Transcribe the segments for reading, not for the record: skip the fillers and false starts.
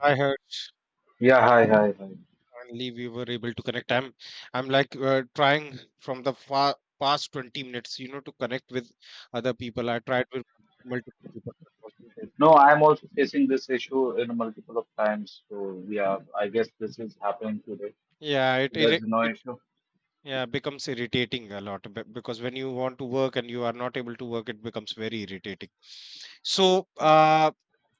I heard Yeah, hi, hi, hi. finally we were able to connect. I'm like trying from the past 20 minutes, you know, to connect with other people. I tried with multiple people, but wasn't able. No, I'm also facing this issue in multiple of times. So yeah, I guess this is happening today. Yeah, So it, there's it no it issue. yeah becomes irritating a lot because when you want to work and you are not able to work, it becomes very irritating. So, uh,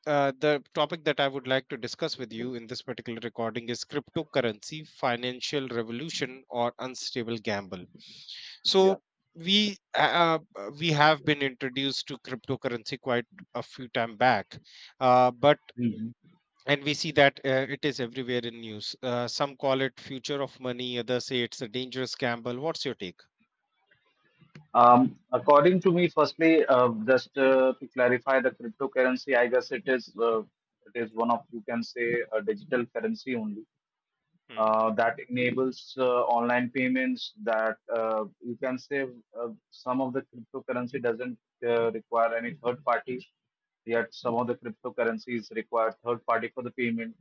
uh, the topic that I would like to discuss with you in this particular recording is cryptocurrency, financial revolution, or unstable gamble. Yeah. So we have been introduced to cryptocurrency quite a few time back, but Mhm. and we see that it is everywhere in news. Some call it future of money, others say it's a dangerous gamble. What's your take? According to me, firstly, just to clarify the cryptocurrency, I guess it is one of you can say a digital currency only. Hmm. That enables online payments that you can say some of the cryptocurrency doesn't require any third party, yet some of the cryptocurrencies require third party for the payment.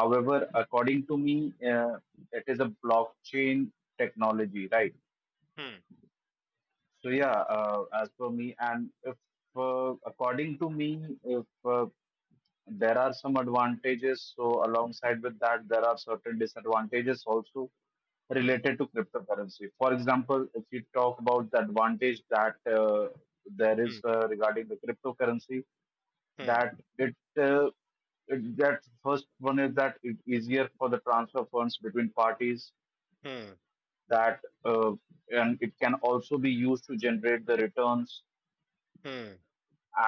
However, according to me, it is a blockchain technology, right? Hmm. So yeah, as per me, and if according to me, if there are some advantages, so alongside with that, there are certain disadvantages also Hmm. related to cryptocurrency. For example, if you talk about the advantage that there is Hmm. Regarding the cryptocurrency, Hmm. that it, it that first one is that it easier for the transfer funds between parties Hmm. that and it can also be used to generate the returns. Hmm.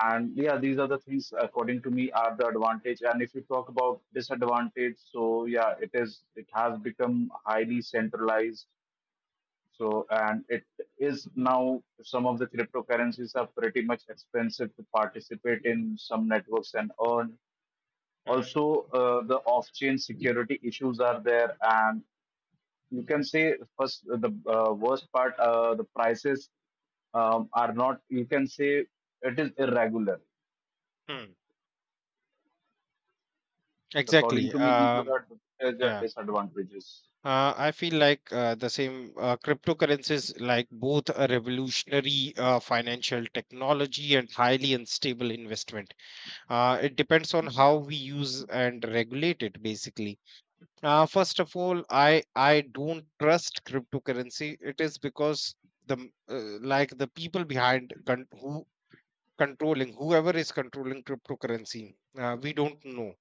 And yeah, these are the things according to me are the advantage. And if you talk about disadvantage, so yeah, it has become highly centralized, so and it is now some of the cryptocurrencies are pretty much expensive to participate in some networks and earn. Hmm. Also the off-chain security issues are there, and you can say first the worst part, the prices are not, you can say, it is irregular. Hmm. So according Exactly. to me, these are the advantages and Yeah, disadvantages. I feel like the same, cryptocurrencies, like both a revolutionary financial technology and highly unstable investment. It depends on how we use and regulate it, basically. First of all, I don't trust cryptocurrency. It is because the like the people behind who controlling, whoever is controlling cryptocurrency, we don't know.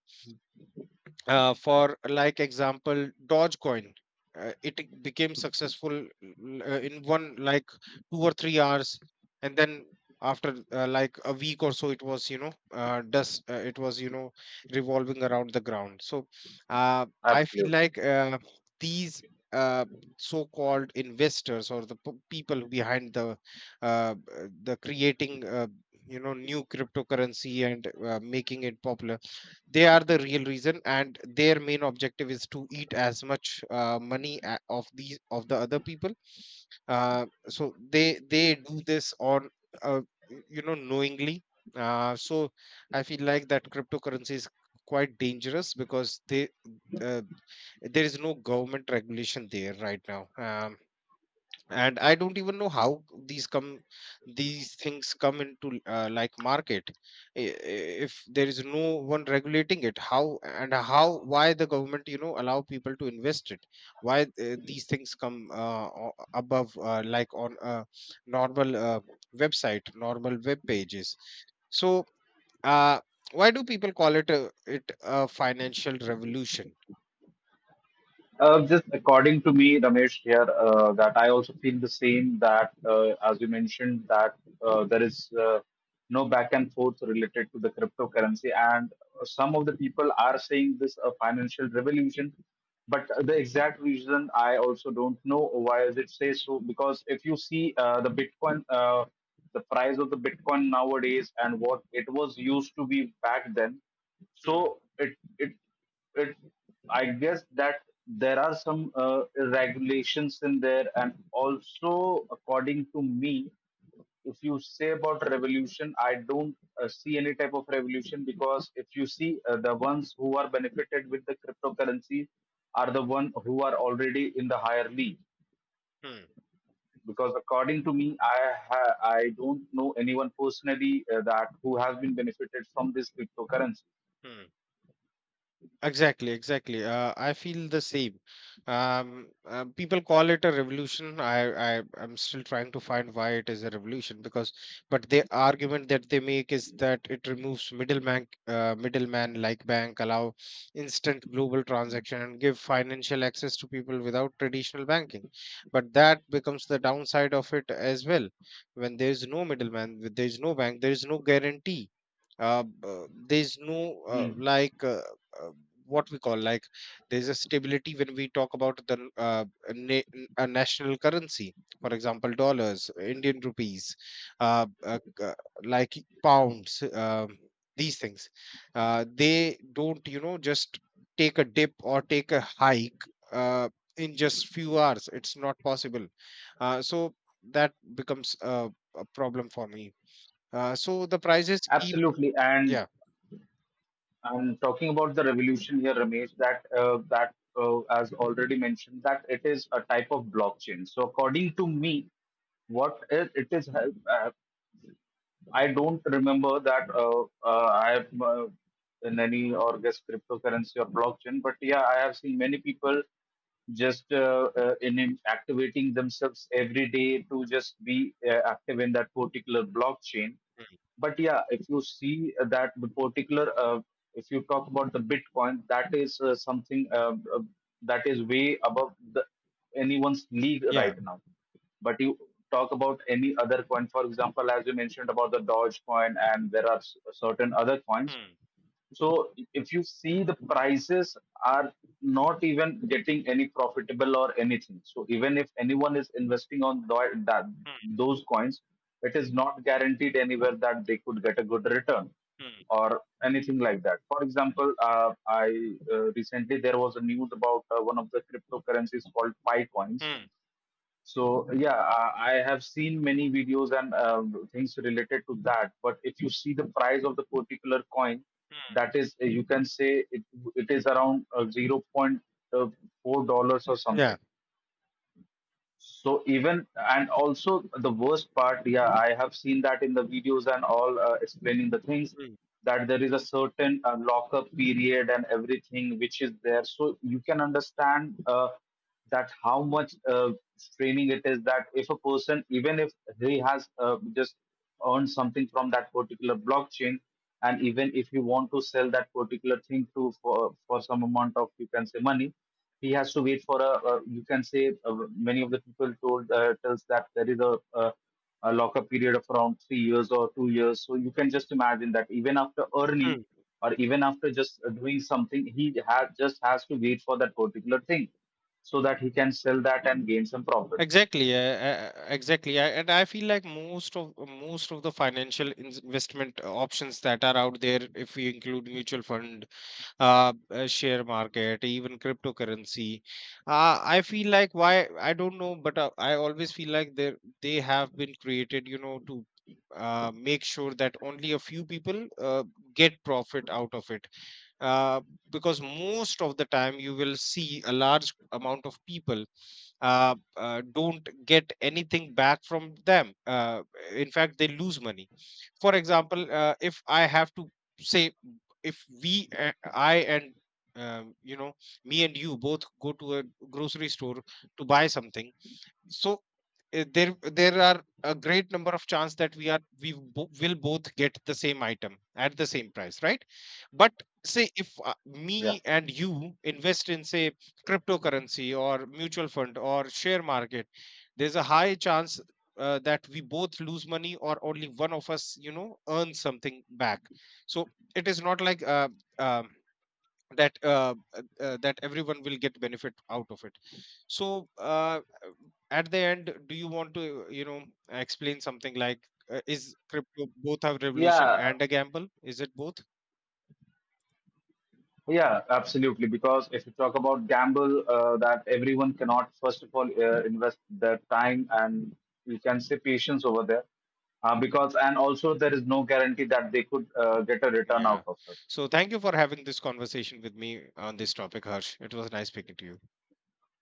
For like example, dogecoin, it became successful in one like 2 or 3 hours, and then after like a week or so, it was dust. It was, you know, revolving around the ground. So uh, I feel Absolutely. like these uh, so-called investors, or the people behind uh, uh, the creating you know, new cryptocurrency and making it popular, they are the real reason, and their main objective is to eat as much money of these, of the other people. So they do this on uh, you know, knowingly. So I feel like that cryptocurrency is quite dangerous, because they uh, there is no government regulation there right now. And I don't even know how these come, these things come into like market. If there is no one regulating it, how and how, why the government, you know, allow people to invest it? Why these things come above like on a normal website, normal web pages? So uh, why do people call it a, it a financial revolution? Just according to me, Ramesh here, that I also feel the same that as you mentioned that there is no back and forth related to the cryptocurrency, and some of the people are saying this a financial revolution, but the exact reason I also don't know why is it say so, because if you see the Bitcoin, the price of the Bitcoin nowadays and what it was used to be back then, Hmm. so it it it, I guess that there are some regulations in there, and also according to me, if you say about revolution, I don't see any type of revolution because if you see the ones who are benefited with the cryptocurrency are the one who are already in the higher league. Hmm. Because according to me, I don't know anyone personally that who has been benefited from this cryptocurrency. Hmm. Exactly, exactly. I feel the same. People call it a revolution. I'm still trying to find why it is a revolution, because, but the argument that they make is that it removes middleman, middleman like bank, allow instant global transaction, and give financial access to people without traditional banking. But that becomes the downside of it as well. When there is no middleman, there is no bank, there is no guarantee. There's no Hmm. Uh, what we call like, there's a stability when we talk about the a national currency, for example, dollars, Indian rupees, uh, uh, uh, like pounds. These things they don't, you know, just take a dip or take a hike uh, in just few hours. It's not possible. So that becomes a problem for me. So the prices keep. Absolutely, and Yeah. I'm talking about the revolution here, Ramesh, that as already mentioned, that it is a type of blockchain. So according to me, what it is, I don't remember that I have in any or guess cryptocurrency or blockchain, but yeah, I have seen many people just in activating themselves every day to just be active in that particular blockchain. But yeah, if you see that the particular if you talk about the Bitcoin, that is something that is way above the anyone's league Yeah. right now. But you talk about any other coin, for example, as you mentioned about the Doge coin, and there are certain other coins. Hmm. So if you see the prices are not even getting any profitable or anything. So even if anyone is investing on that Hmm. those coins, it is not guaranteed anywhere that they could get a good return Hmm. or anything like that. For example, I recently there was a news about one of the cryptocurrencies called Pi coins. Hmm. So yeah, I have seen many videos and things related to that. But if you see the price of the particular coin, Mm. that is, you can say it, it is around zero point uh, 0.4 dollars or Yeah. something. So even and also the worst part, yeah, I have seen that in the videos and all explaining the things Mm, that there is a certain lockup period and everything which is there. So you can understand that how much straining it is that if a person, even if he has just earned something from that particular blockchain, and even if you want to sell that particular thing to for some amount of you can say money, he has to wait for a, you can say, many of the people told, tells that there is a a lockup period of around 3 years or 2 years, so you can just imagine that even after earning mm. or even after just doing something, he has just has to wait for that particular thing so that he can sell that and gain some profit. Exactly. Exactly. I, and I feel like most of the financial investment options that are out there, if we include mutual fund, share market, even cryptocurrency, I feel like why I don't know, but I always feel like they have been created, you know, to make sure that only a few people get profit out of it. uh, because most of the time you will see a large amount of people don't get anything back from them. In fact, they lose money. For example, if I have to say, if we, I and you know, me and you both go to a grocery store to buy something. So there are a great number of chance that we are we bo- will both get the same item at the same price, right? But say if Yeah, me and you invest in say cryptocurrency or mutual fund or share market, there's a high chance that we both lose money, or only one of us, you know, earns something back. So it is not like um that everyone will get benefit out of it. So at the end, do you want to, you know, explain something like, is crypto both a revolution yeah. and a gamble? Is it both? Yeah, absolutely. Because if you talk about gamble, that everyone cannot, first of all, invest their time and you can say patience over there. Because, and also there is no guarantee that they could get a return out Yeah. of it. So thank you for having this conversation with me on this topic, Harsh. It was nice speaking to you.